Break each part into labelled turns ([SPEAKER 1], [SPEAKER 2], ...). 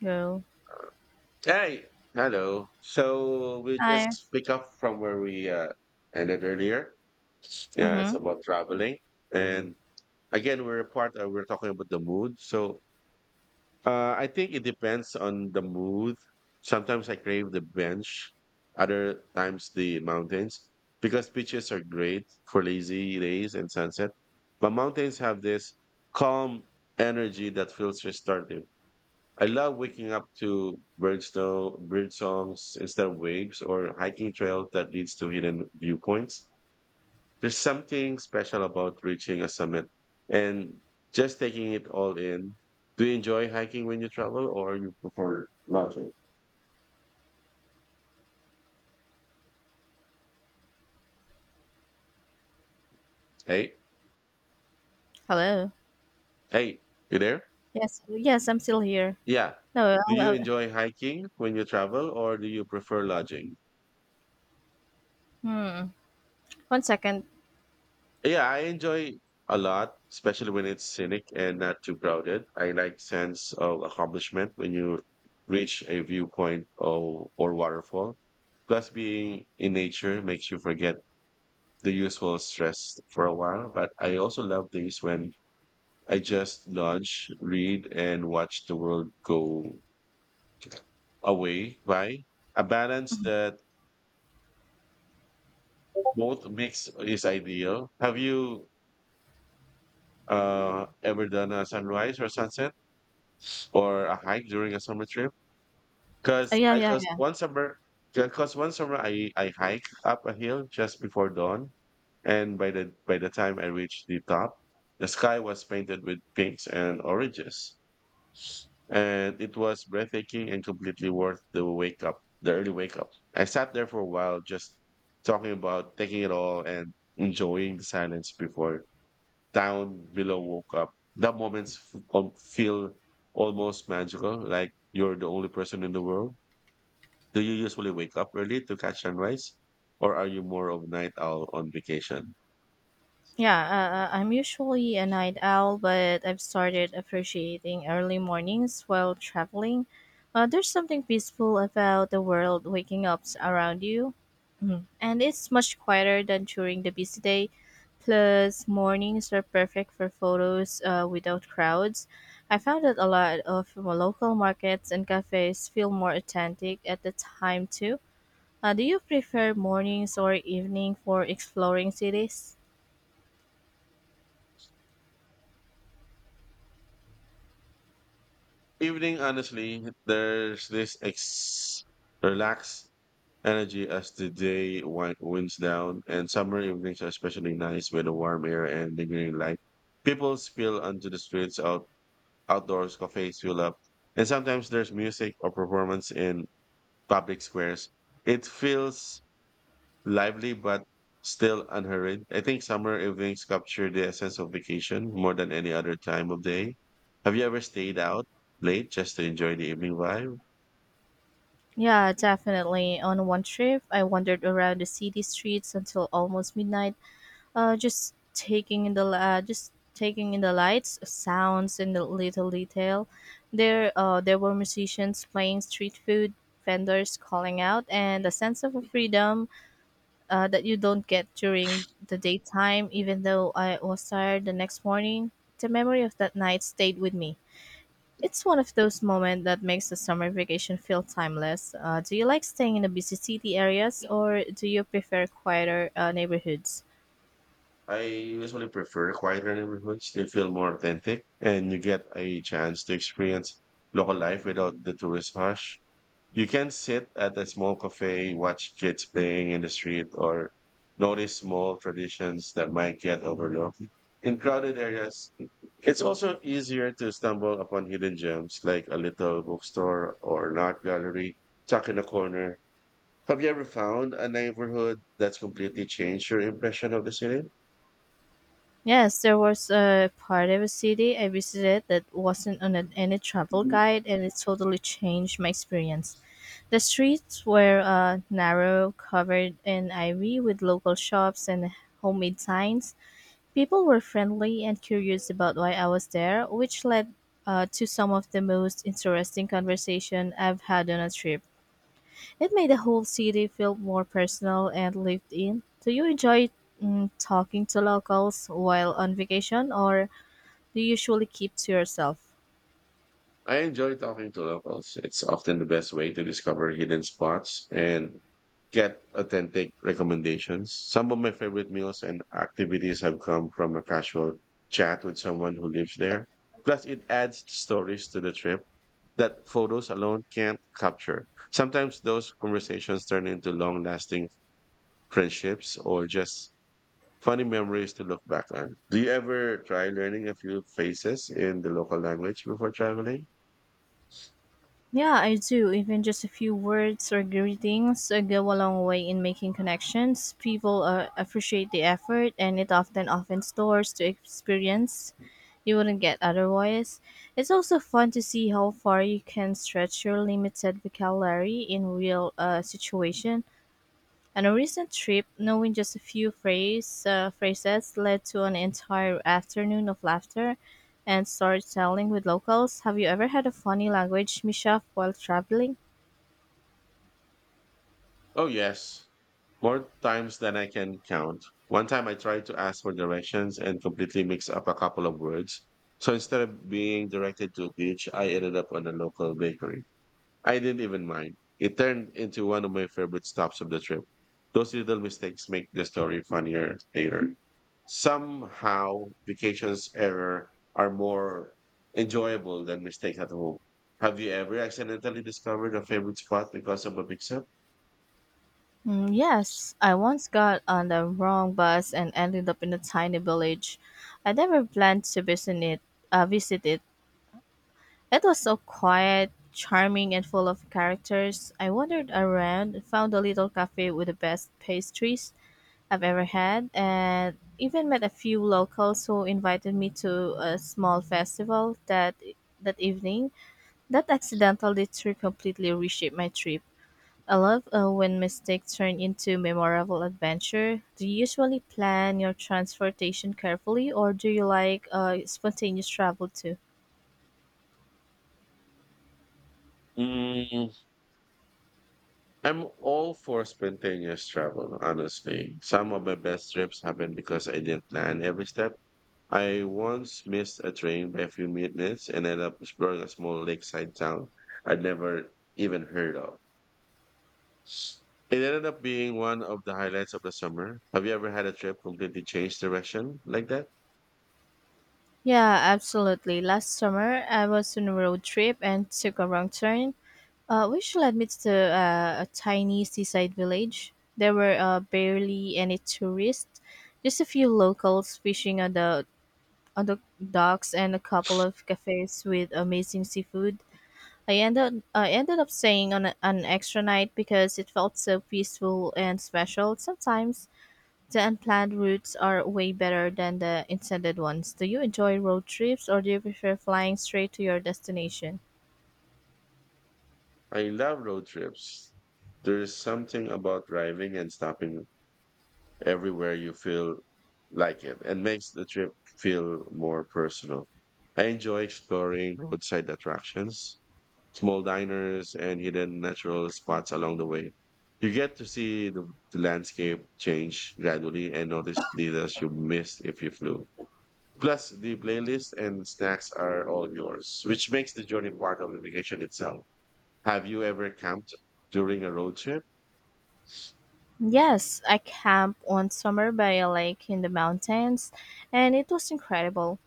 [SPEAKER 1] Hello.
[SPEAKER 2] Hey, hello. So we
[SPEAKER 1] Hi.
[SPEAKER 2] just pick up from where we ended earlier. Yeah, it's
[SPEAKER 1] Mm-hmm.
[SPEAKER 2] about traveling, and again, we're part. We're talking about the mood. So I think it depends on the mood. Sometimes I crave the bench, other times the mountains because beaches are great for lazy days and sunset, but mountains have this calm energy that feels restorative. I love waking up to bird songs instead of waves or hiking trails that leads to hidden viewpoints. There's something special about reaching a summit and just taking it all in. Do you enjoy hiking when you travel or you prefer lodging? Hey,
[SPEAKER 1] Hello.
[SPEAKER 2] hey, you there?
[SPEAKER 1] Yes. Yes, I'm still here.
[SPEAKER 2] Yeah.
[SPEAKER 1] No.
[SPEAKER 2] Do you enjoy hiking when you travel or do you prefer lodging?
[SPEAKER 1] Hmm. One second.
[SPEAKER 2] Yeah, I enjoy a lot, especially when it's scenic and not too crowded. I like sense of accomplishment when you reach a viewpoint or waterfall. Plus, being in nature makes you forget the usual stress for a while. But I also love days when I just lounge, read, and watch the world go away by a balance that both mix is ideal. Have you ever done a sunrise or sunset? Or a hike during a summer trip. Because
[SPEAKER 1] Yeah.
[SPEAKER 2] I
[SPEAKER 1] Yeah.
[SPEAKER 2] cause
[SPEAKER 1] Yeah.
[SPEAKER 2] one summer, Because one summer I hike up a hill just before dawn, and by the time I reached the top, the sky was painted with pinks and oranges, and it was breathtaking and completely worth the early wake up. I sat there for a while, just talking about taking it all and enjoying the silence before town below woke up. That moments feel almost magical, like you're the only person in the world. Do you usually wake up early to catch sunrise, or are you more of night owl on vacation?
[SPEAKER 1] Yeah, I'm usually a night owl, but I've started appreciating early mornings while traveling. There's something peaceful about the world waking up around you, mhm, and it's much quieter than during the busy day. Plus, mornings are perfect for photos without crowds. I found that a lot of local markets and cafes feel more authentic at the time, too. Do you prefer mornings or evening for exploring cities?
[SPEAKER 2] Evening, honestly, there's this relaxed energy as the day winds down, and summer evenings are especially nice with the warm air and lingering light. People spill onto the streets outdoors, cafes fill up, and sometimes there's music or performance in public squares. It feels lively but still unhurried. I think summer evenings capture the essence of vacation more than any other time of day. Have you ever stayed out late just to enjoy the evening vibe?
[SPEAKER 1] Yeah, definitely. On one trip, I wandered around the city streets until almost midnight, just taking in the lights, sounds, and the little detail. There were musicians playing street food, vendors calling out, and a sense of freedom that you don't get during the daytime. Even though I was tired the next morning, the memory of that night stayed with me. It's one of those moments that makes the summer vacation feel timeless. Do you like staying in the busy city areas or do you prefer quieter neighborhoods?
[SPEAKER 2] I usually prefer quieter neighborhoods. They feel more authentic and you get a chance to experience local life without the tourist rush. You can sit at a small cafe, watch kids playing in the street, or notice small traditions that might get overlooked. In crowded areas, it's also easier to stumble upon hidden gems like a little bookstore or an art gallery tucked in a corner. Have you ever found a neighborhood that's completely changed your impression of the city?
[SPEAKER 1] Yes, there was a part of a city I visited that wasn't on any travel guide, and it totally changed my experience. The streets were narrow, covered in ivy with local shops and homemade signs. People were friendly and curious about why I was there, which led to some of the most interesting conversation I've had on a trip. It made the whole city feel more personal and lived in. Do you enjoy talking to locals while on vacation, or do you usually keep to yourself?
[SPEAKER 2] I enjoy talking to locals. It's often the best way to discover hidden spots and get authentic recommendations. Some of my favorite meals and activities have come from a casual chat with someone who lives there. Plus, it adds stories to the trip that photos alone can't capture. Sometimes those conversations turn into long lasting friendships or just funny memories to look back on. Do you ever try learning a few phrases in the local language before traveling?
[SPEAKER 1] Yeah, I do. Even just a few words or greetings go a long way in making connections. People appreciate the effort, and it often opens doors to experience you wouldn't get otherwise. It's also fun to see how far you can stretch your limited vocabulary in real situation. On a recent trip, knowing just phrases led to an entire afternoon of laughter and storytelling with locals. Have you ever had a funny language mishap while traveling?
[SPEAKER 2] Oh, yes. More times than I can count. One time I tried to ask for directions and completely mixed up a couple of words. So instead of being directed to a beach, I ended up on a local bakery. I didn't even mind. It turned into one of my favorite stops of the trip. Those little mistakes make the story funnier later. Somehow, vacations error are more enjoyable than mistakes at home. Have you ever accidentally discovered a favorite spot because of a mix-up?
[SPEAKER 1] Yes, I once got on the wrong bus and ended up in a tiny village. I never planned to visit it. Uh, visit it It was so quiet, charming, and full of characters. I wandered around and found a little cafe with the best pastries I've ever had, and even met a few locals who invited me to a small festival that evening. That accidental detour completely reshaped my trip. I love when mistakes turn into memorable adventure. Do you usually plan your transportation carefully, or do you like spontaneous travel too?
[SPEAKER 2] Mm, I'm all for spontaneous travel, honestly. Some of my best trips happened because I didn't plan every step. I once missed a train by a few minutes and ended up exploring a small lakeside town I'd never even heard of. It ended up being one of the highlights of the summer. Have you ever had a trip completely change direction like that?
[SPEAKER 1] Yeah, absolutely. Last summer, I was on a road trip and took a wrong turn, which led me to a tiny seaside village. There were barely any tourists, just a few locals fishing on the docks and a couple of cafes with amazing seafood. I ended up staying on an extra night because it felt so peaceful and special. Sometimes the unplanned routes are way better than the intended ones. Do you enjoy road trips or do you prefer flying straight to your destination?
[SPEAKER 2] I love road trips. There's something about driving and stopping everywhere you feel like it and makes the trip feel more personal. I enjoy exploring roadside attractions, small diners, and hidden natural spots along the way. You get to see the landscape change gradually and notice details you missed if you flew. Plus, the playlist and snacks are all yours, which makes the journey part of the vacation itself. Have you ever camped during a road trip?
[SPEAKER 1] Yes, I camped one summer by a lake in the mountains, and it was incredible.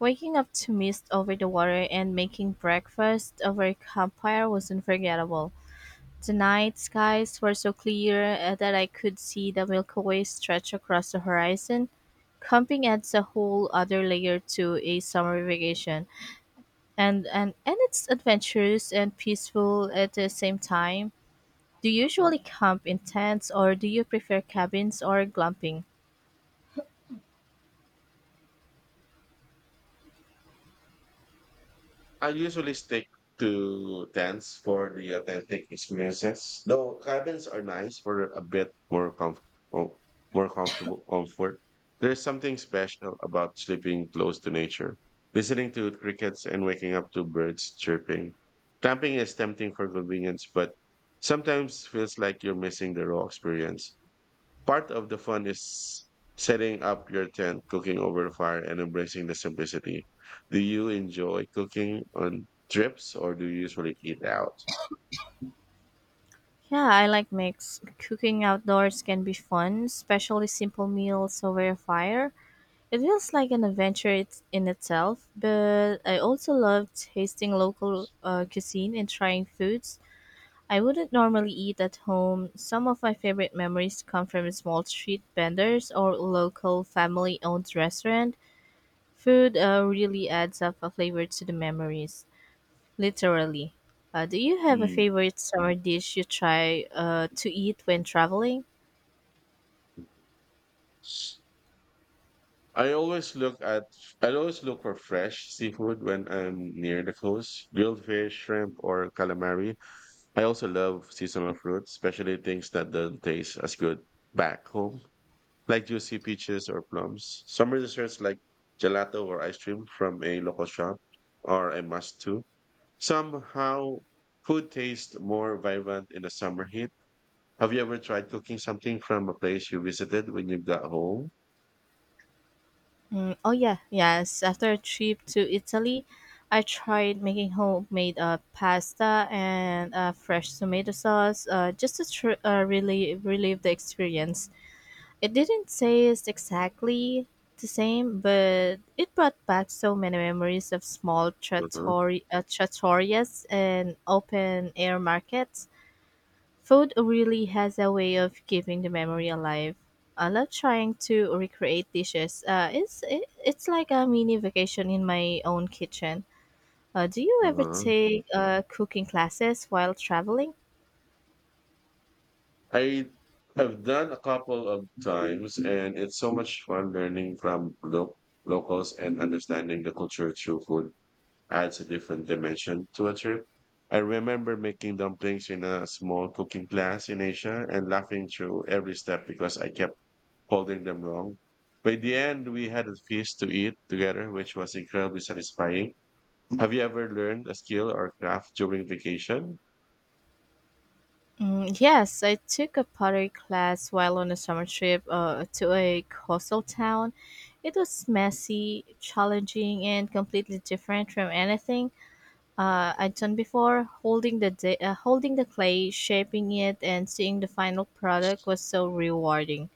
[SPEAKER 1] Waking up to mist over the water and making breakfast over a campfire was unforgettable. The night skies were so clear that I could see the Milky Way stretch across the horizon. Camping adds a whole other layer to a summer vacation, and it's adventurous and peaceful at the same time. Do you usually camp in tents or do you prefer cabins or glamping?
[SPEAKER 2] I usually stick to tents for the authentic experiences, though cabins are nice for a bit more comfortable comfort. There's something special about sleeping close to nature, listening to crickets and waking up to birds chirping. Camping is tempting for convenience, but sometimes feels like you're missing the raw experience. Part of the fun is setting up your tent, cooking over the fire, and embracing the simplicity. Do you enjoy cooking on trips or do you usually eat out?
[SPEAKER 1] Yeah, I like mix. Cooking outdoors can be fun, especially simple meals over a fire. It feels like in itself, but I also love tasting local cuisine and trying foods I wouldn't normally eat at home. Some of my favorite memories come from small street vendors or local family owned restaurant. Food really adds up a flavor to the memories, literally. Do you have a
[SPEAKER 2] Mm.
[SPEAKER 1] favorite summer dish you try to eat when traveling?
[SPEAKER 2] I always look at I always look for fresh seafood when I'm near the coast. Grilled fish, shrimp, or calamari I also love seasonal fruits, especially things that don't taste as good back home, like juicy peaches or plums. Summer desserts like gelato or ice cream from a local shop are a must too. Somehow, food tastes more vibrant in the summer heat. Have you ever tried cooking something from a place you visited when you got home?
[SPEAKER 1] Oh yeah, yes. After a trip to Italy, I tried making homemade pasta and fresh tomato sauce really relive the experience. It didn't taste exactly the same, but it brought back so many memories of
[SPEAKER 2] Uh-huh.
[SPEAKER 1] trattorias and open air markets. Food really has a way of keeping the memory alive. I love trying to recreate dishes. It's like a mini vacation in my own kitchen. Do you ever
[SPEAKER 2] Uh-huh.
[SPEAKER 1] take cooking classes while traveling?
[SPEAKER 2] I have done a couple of times, and it's so much fun learning from locals and understanding the culture through food adds a different dimension to a trip. I remember making dumplings in a small cooking class in Asia and laughing through every step because I kept holding them wrong. By the end, we had a feast to eat together, which was incredibly satisfying. Have you ever learned a skill or craft during vacation?
[SPEAKER 1] Yes, I took a pottery class while on a summer trip to a coastal town. It was messy, challenging, and completely different from anything I'd done before. Holding the clay, shaping it, and seeing the final product was so rewarding.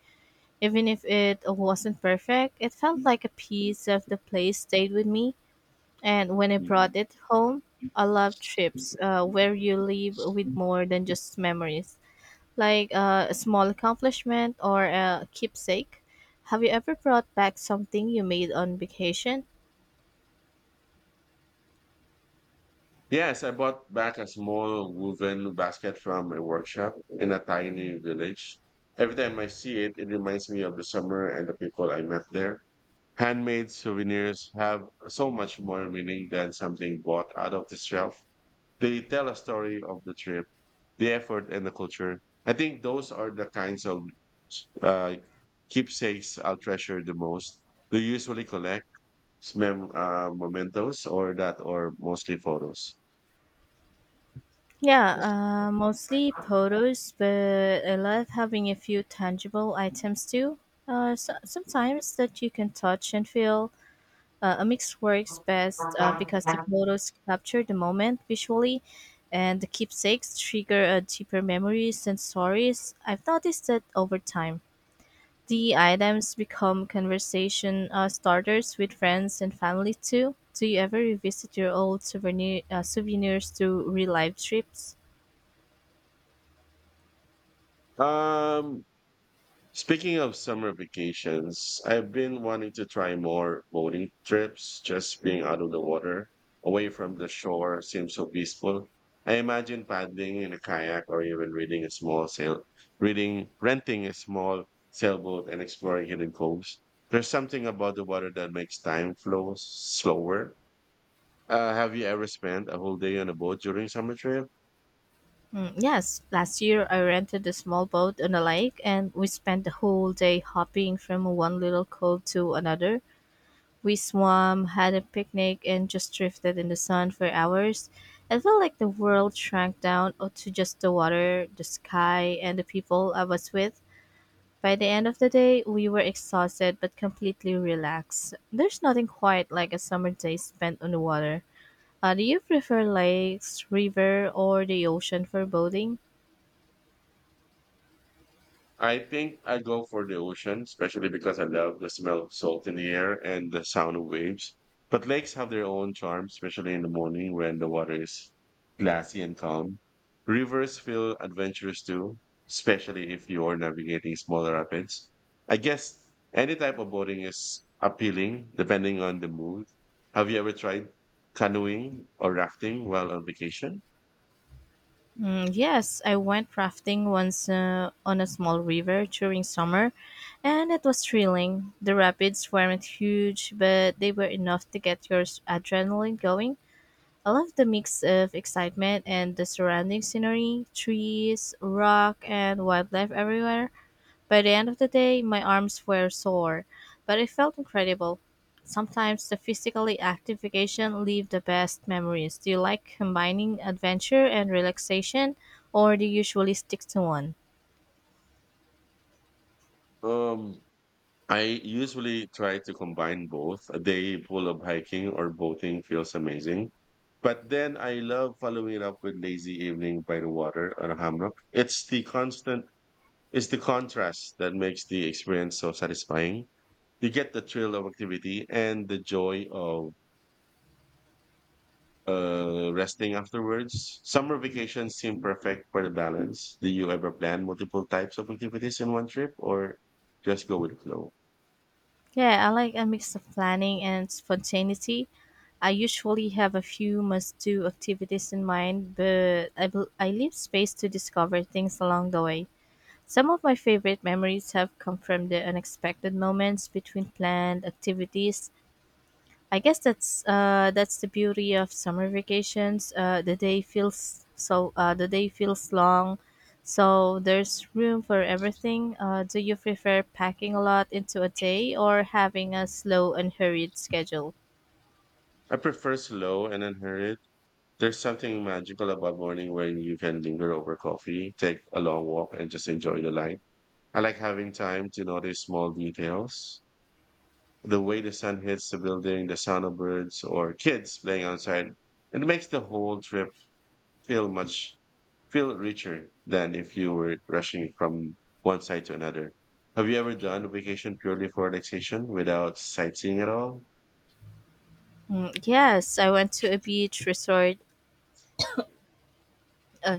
[SPEAKER 1] Even if it wasn't perfect, it felt like a piece of the place stayed with me. And when I brought it home, I love trips where you leave with more than just memories, like a small accomplishment or a keepsake. Have you ever brought back something you made on vacation?
[SPEAKER 2] Yes, I bought back a small woven basket from a workshop in a tiny village. Every time I see it, it reminds me of the summer and the people I met there. Handmade souvenirs have so much more meaning than something bought out of the shelf. They tell a story of the trip, the effort, and the culture. I think those are the kinds of uh, keepsakes I'll treasure the most. Do you usually collect? Mementos or mostly photos.
[SPEAKER 1] Yeah, mostly photos, but I love having a few tangible items too. Sometimes that you can touch and feel. A mix works best because the photos capture the moment visually, and the keepsakes trigger deeper memories and stories. I've noticed that over time. The items become conversation starters with friends and family too. Do you ever revisit your old souvenirs to real life trips?
[SPEAKER 2] Um, Speaking of summer vacations, I've been wanting to try more boating trips. Just being out of the water, away from the shore, seems so peaceful. I imagine paddling in a kayak or even reading a small sail, renting a small sailboat and exploring hidden coves. There's something about the water that makes time flow slower. Have you ever spent a whole day on a boat during summer trip?
[SPEAKER 1] Yes, last year I rented a small boat on a lake and we spent the whole day hopping from one little cove to another. We swam, had a picnic, and just drifted in the sun for hours. I felt like the world shrank down to just the water, the sky, and the people I was with. By the end of the day, we were exhausted but completely relaxed. There's nothing quite like a summer day spent on the water. Do you prefer lakes, river, or the ocean for boating?
[SPEAKER 2] I think I go for the ocean, especially because I love the smell of salt in the air and the sound of waves. But lakes have their own charm, especially in the morning when the water is glassy and calm. Rivers feel adventurous too, especially if you are navigating smaller rapids. I guess any type of boating is appealing depending on the mood. Have you ever tried canoeing or rafting while on vacation?
[SPEAKER 1] Yes, I went rafting once on a small river during summer, and it was thrilling. The rapids weren't huge, but they were enough to get your adrenaline going. I love the mix of excitement and the surrounding scenery, trees, rock, and wildlife everywhere. By the end of the day, my arms were sore, but it felt incredible. Sometimes the physically active vacation leave the best memories. Do you like combining adventure and relaxation, or do you usually stick to one?
[SPEAKER 2] Um, I usually try to combine both. A day full of hiking or boating feels amazing. But then I love following it up with lazy evening by the water on a hammock. It's the contrast that makes the experience so satisfying. You get the thrill of activity and the joy of resting afterwards. Summer vacations seem perfect for the balance. Do you ever plan multiple types of activities in one trip or just go with flow?
[SPEAKER 1] Yeah, I like a mix of planning and spontaneity. I usually have a few must do activities in mind, but I leave space to discover things along the way. Some of my favorite memories have come from the unexpected moments between planned activities. I guess that's the beauty of summer vacations. The day feels long, so there's room for everything. Do you prefer packing a lot into a day or having a slow and hurried schedule?
[SPEAKER 2] I prefer slow and unhurried. There's something magical about morning when you can linger over coffee, take a long walk, and just enjoy the light. I like having time to notice small details. The way the sun hits the building, the sound of birds, or kids playing outside. It makes the whole trip feel much feel richer than if you were rushing from one side to another. Have you ever done a vacation purely for relaxation without sightseeing at all?
[SPEAKER 1] Yes, I went to a beach resort uh,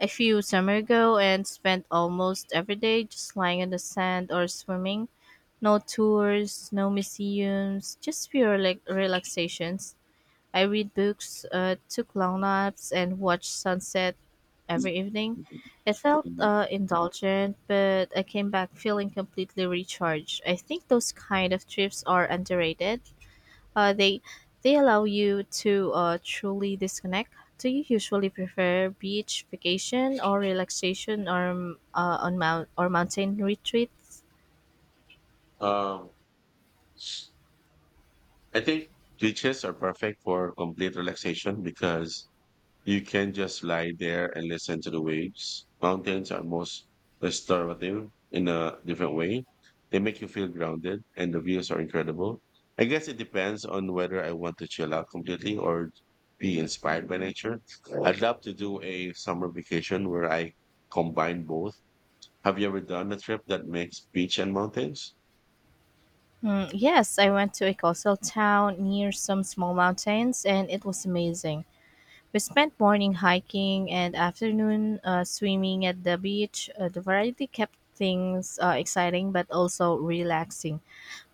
[SPEAKER 1] a few summer ago and spent almost every day just lying in the sand or swimming. No tours, no museums, just pure like relaxations. I read books, took long naps, and watched sunset every evening. It felt
[SPEAKER 2] Mhm.
[SPEAKER 1] indulgent, but I came back feeling completely recharged. I think those kind of trips are underrated. Uh, they they allow you to truly disconnect. Do you usually prefer beach vacation or relaxation or on mount or mountain retreats?
[SPEAKER 2] Um, I think beaches are perfect for complete relaxation because you can just lie there and listen to the waves. Mountains are most restorative in a different way. They make you feel grounded and the views are incredible. I guess it depends on whether I want to chill out completely or be inspired by nature. I'd love to do a summer vacation where I combine both. Have you ever done a trip that makes beach and mountains?
[SPEAKER 1] Yes, I went to a coastal town near some small mountains, and it was amazing. We spent morning hiking and afternoon swimming at the beach. The variety kept things exciting but also relaxing.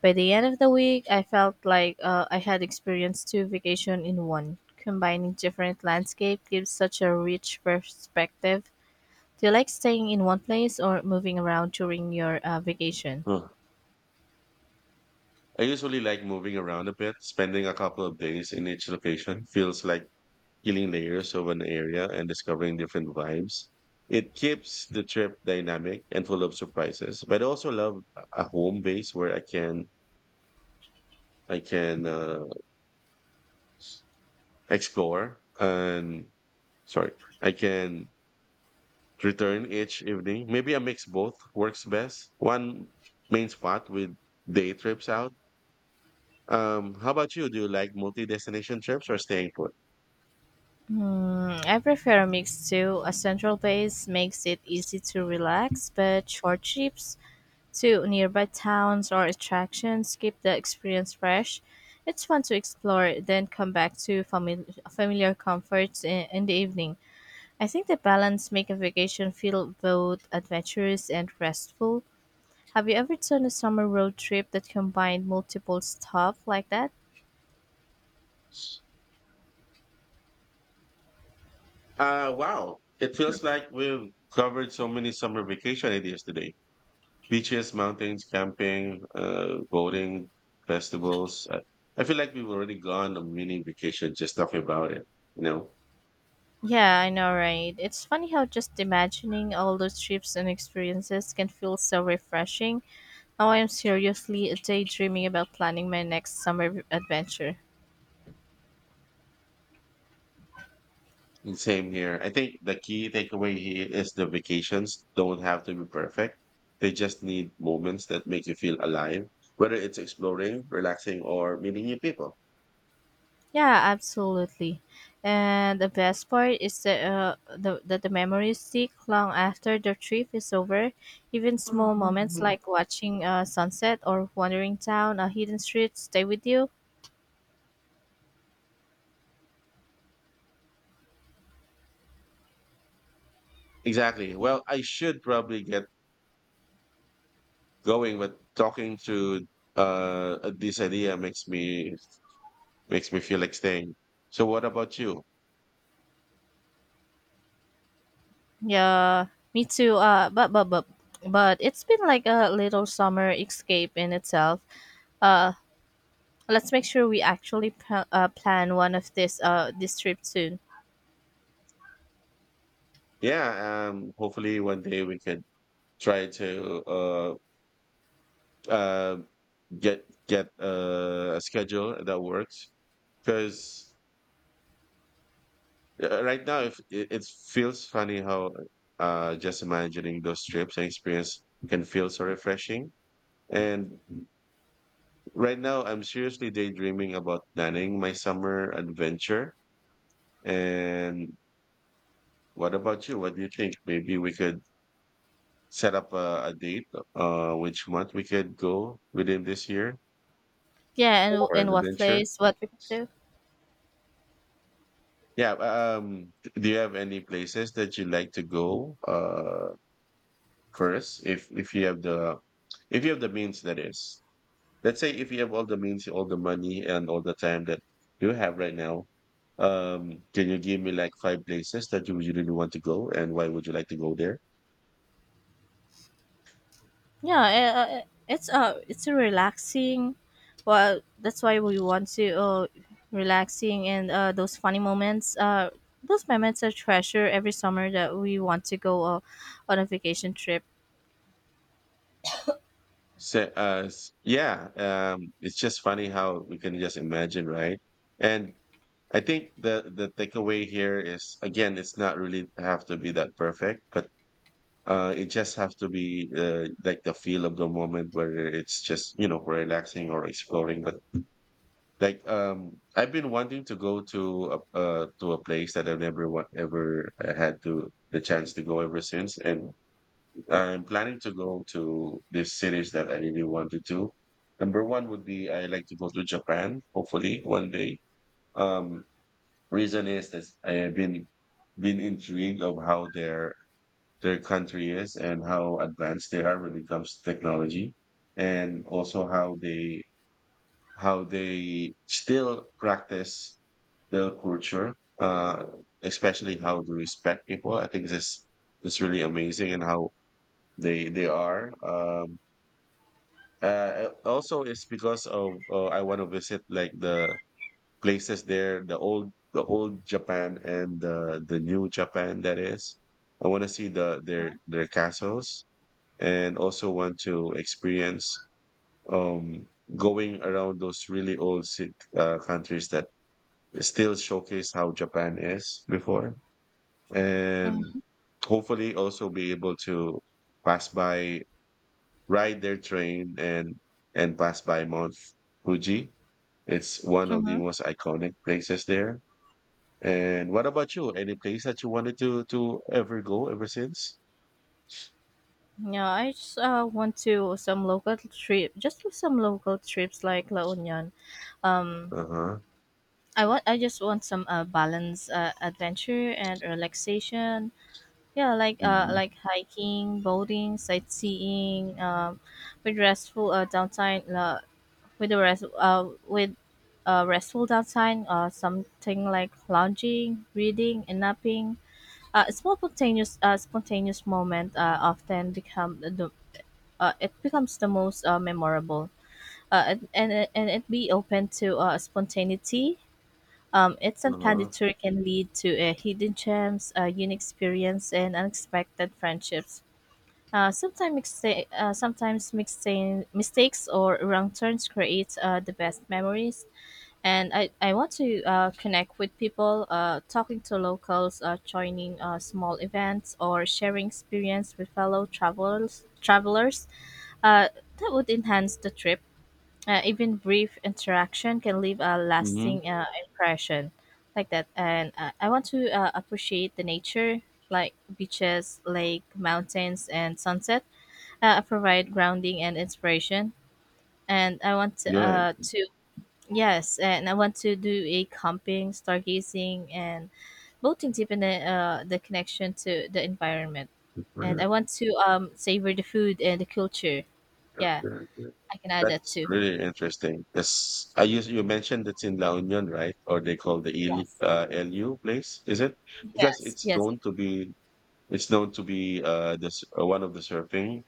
[SPEAKER 1] By the end of the week, I felt like I had experienced two vacations in one. Combining different landscape gives such a rich perspective. Do you like staying in one place or moving around during your vacation?
[SPEAKER 2] Huh. I usually like moving around a bit. Spending a couple of days in each location feels like peeling layers of an area and discovering different vibes. It keeps the trip dynamic and full of surprises. But I also love a home base where I can explore and sorry, I can return each evening. Maybe a mix both works best. One main spot with day trips out. How about you? Do you like multi-destination trips or staying put?
[SPEAKER 1] Hmm, I prefer a mix too. A central base makes it easy to relax, but short trips to nearby towns or attractions keep the experience fresh. It's fun to explore, then come back to familiar comforts in the evening. I think the balance make a vacation feel both adventurous and restful. Have you ever done a summer road trip that combined multiple stuff like that?
[SPEAKER 2] Wow. It feels like we've covered so many summer vacation ideas today. Beaches, mountains, camping, boating, festivals. I feel like we've already gone on mini vacation just talking about it. You know,
[SPEAKER 1] Yeah, I know, right? It's funny how just imagining all those trips and experiences can feel so refreshing. Now I am seriously daydreaming about planning my next summer adventure.
[SPEAKER 2] and same here. I think the key takeaway here is the vacations don't have to be perfect. They just need moments that make you feel alive, whether it's exploring, relaxing, or meeting new people.
[SPEAKER 1] Yeah, absolutely. And the best part is that that the memories stick long after the trip is over. Even small moments like watching a sunset or wandering down a hidden street stay with you.
[SPEAKER 2] Exactly. Well, I should probably get going, but talking to this idea makes me feel like staying. So, what about you?
[SPEAKER 1] Yeah, me too. But it's been like a little summer escape in itself. Uh, let's make sure we actually plan one of this trip soon.
[SPEAKER 2] Yeah, hopefully one day we could try to uh, get a schedule that works. Because right now, if it, it feels funny how just imagining those trips and experience can feel so refreshing. And right now, I'm seriously daydreaming about planning my summer adventure. And what about you? What do you think? Maybe we could set up a date, which month we could go within this year.
[SPEAKER 1] Yeah,
[SPEAKER 2] For an
[SPEAKER 1] and what
[SPEAKER 2] adventure?
[SPEAKER 1] place, what we can do.
[SPEAKER 2] Yeah, do you have any places that you like to go first, if you have the means, that is. Let's say if you have all the means, all the money and all the time that you have right now, can you give me like five places that you would really want to go and why would you like to go there?
[SPEAKER 1] It's a relaxing. Well, that's why we want to relaxing and those funny moments. Those moments are treasure every summer that we want to go on a vacation trip.
[SPEAKER 2] It's just funny how we can just imagine, right? And I think the takeaway here is, again, it's not really have to be that perfect, but it just have to be like the feel of the moment, whether it's just you know relaxing or exploring. But I've been wanting to go to a place that I've never wa- ever had to the chance to go ever since, and I'm planning to go to these cities that I really wanted to. Number one would be I like to go to Japan, hopefully one day. Um, Reason is that I have been intrigued of how their country is and how advanced they are when it comes to technology, and also how they still practice their culture, uh especially how to respect people. I think this is really amazing. And how they are, also it's because of, I want to visit like the places there, the old Japan and the new Japan. That is, I want to see their castles, and also want to experience, um, going around those really old countries that still showcase how Japan is before. And hopefully also be able to pass by, ride their train, and pass by Mount Fuji. It's one of the most iconic places there. And what about you? Any place that you wanted to ever go ever since?
[SPEAKER 1] Yeah, I just want to some local trip, just do some local trips like La Union. Um,
[SPEAKER 2] Uh-huh.
[SPEAKER 1] I just want some balance, adventure and relaxation. Yeah,
[SPEAKER 2] Hmm.
[SPEAKER 1] like hiking, boating, sightseeing, with restful downtime, with the rest with restful downtime, something like lounging, reading, and napping. A small spontaneous moment often become the- it becomes the most memorable. And it be open to spontaneity. It's unplanned
[SPEAKER 2] Uh-huh.
[SPEAKER 1] tour can lead to hidden gems, unique experience, and unexpected friendships. Sometimes mixing mistakes or wrong turns create the best memories. And I want to connect with people, talking to locals, joining small events, or sharing experience with fellow travelers. Uh, that would enhance the trip. Even brief interaction can leave a
[SPEAKER 2] Hmm.
[SPEAKER 1] lasting impression, like that. And I want to appreciate the nature, like beaches, lake, mountains, and sunset provide grounding and inspiration. And I want
[SPEAKER 2] Right.
[SPEAKER 1] to yes, and I want to do a camping, stargazing, and boating deep in the connection to the environment. And I want to savor the food and the culture.
[SPEAKER 2] Okay.
[SPEAKER 1] Yeah,
[SPEAKER 2] Okay.
[SPEAKER 1] I can add that
[SPEAKER 2] That's
[SPEAKER 1] too.
[SPEAKER 2] really interesting. Yes, I use, you mentioned it's in La Union, right? Or they call the Il,
[SPEAKER 1] Yes,
[SPEAKER 2] LU place, is it? Because
[SPEAKER 1] yes,
[SPEAKER 2] it's
[SPEAKER 1] yes.
[SPEAKER 2] known to be it's known to be this one of the surfing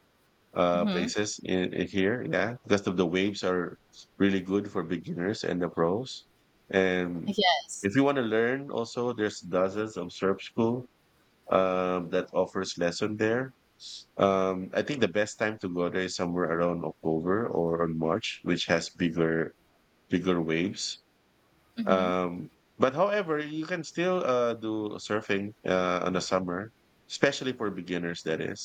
[SPEAKER 1] Mm-hmm.
[SPEAKER 2] places in here. Yeah, because of the waves are really good for beginners and the pros. And
[SPEAKER 1] Yes.
[SPEAKER 2] if you want to learn, also there's dozens of surf school that offers lesson there. I think the best time to go there is somewhere around October or on March, which has bigger waves.
[SPEAKER 1] Mm-hmm.
[SPEAKER 2] Um, but however, you can still do surfing on the summer, especially for beginners. That is.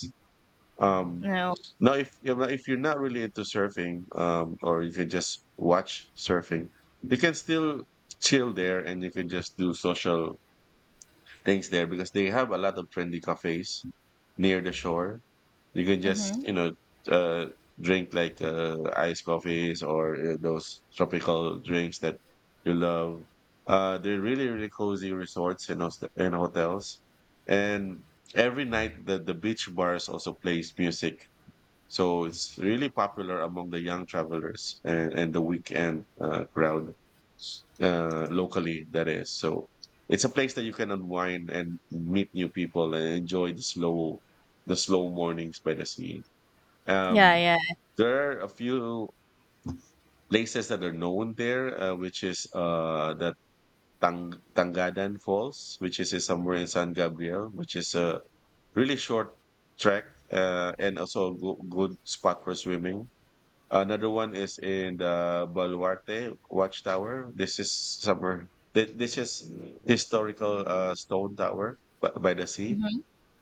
[SPEAKER 2] Um,
[SPEAKER 1] No.
[SPEAKER 2] Now, if you know, if you're not really into surfing, or you can just watch surfing, you can still chill there, and you can just do social things there because they have a lot of trendy cafes near the shore. You can just,
[SPEAKER 1] Mm-hmm.
[SPEAKER 2] you know, uh, drink like iced coffees or those tropical drinks that you love. They're really, really cozy resorts and, and hotels. And every night, the beach bars also plays music, so it's really popular among the young travelers and the weekend crowd, locally, that is. So it's a place that you can unwind and meet new people and enjoy the slow mornings by the sea.
[SPEAKER 1] Yeah,
[SPEAKER 2] Um,
[SPEAKER 1] yeah.
[SPEAKER 2] there are a few places that are known there, which is the Tang Tangadan Falls, which is somewhere in San Gabriel, which is a really short trek, and also a good spot for swimming. Another one is in the Baluarte Watchtower. This is historical stone tower by the sea,
[SPEAKER 1] Mm-hmm.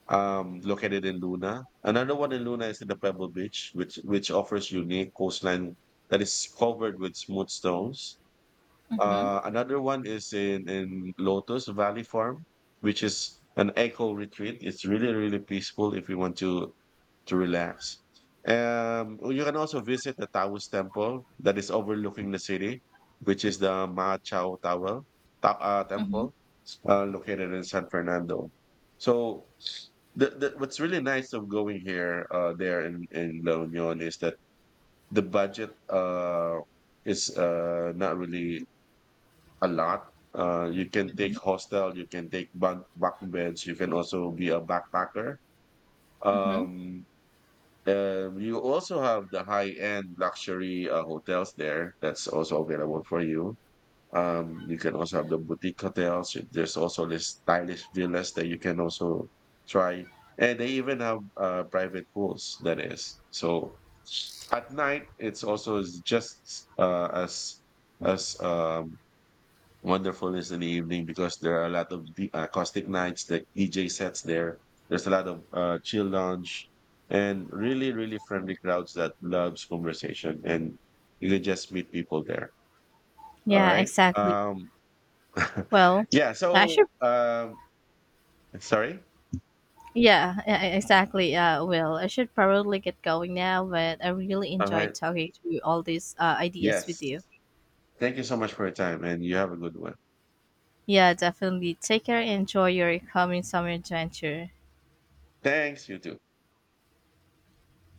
[SPEAKER 2] located in Luna. Another one in Luna is in the Pebble Beach, which offers unique coastline that is covered with smooth stones.
[SPEAKER 1] Mm-hmm.
[SPEAKER 2] Another one is in Lotus Valley Farm, which is an eco retreat. It's really really peaceful if you want to relax. You can also visit the Taoist temple that is overlooking the city, which is the Ma Chao Tower,
[SPEAKER 1] Mm-hmm.
[SPEAKER 2] temple, located in San Fernando. So, what's really nice of going here, there in La Union is that the budget is not really a lot. You can take
[SPEAKER 1] Mm-hmm.
[SPEAKER 2] hostel, you can take backbench, you can also be a backpacker.
[SPEAKER 1] Mm-hmm.
[SPEAKER 2] Um, you also have the high-end luxury hotels there. That's also available for you. You can also have the boutique hotels. There's also this stylish villas that you can also try, and they even have private pools. That is so. At night, it's also as- just as wonderfulness in the evening because there are a lot of acoustic nights, the DJ sets there. There's a lot of chill lounge and really, really friendly crowds that loves conversation and you can just meet people there. All
[SPEAKER 1] Yeah,
[SPEAKER 2] right.
[SPEAKER 1] exactly.
[SPEAKER 2] Um,
[SPEAKER 1] Well,
[SPEAKER 2] yeah.
[SPEAKER 1] I
[SPEAKER 2] So,
[SPEAKER 1] should
[SPEAKER 2] sorry.
[SPEAKER 1] Exactly. Well, I should probably get going now, but I really
[SPEAKER 2] All
[SPEAKER 1] enjoyed
[SPEAKER 2] right.
[SPEAKER 1] talking through all these ideas
[SPEAKER 2] Yes.
[SPEAKER 1] with you.
[SPEAKER 2] Thank you so much for your time and you have a good one.
[SPEAKER 1] Yeah, definitely. Take care and enjoy your coming summer adventure.
[SPEAKER 2] Thanks. You too.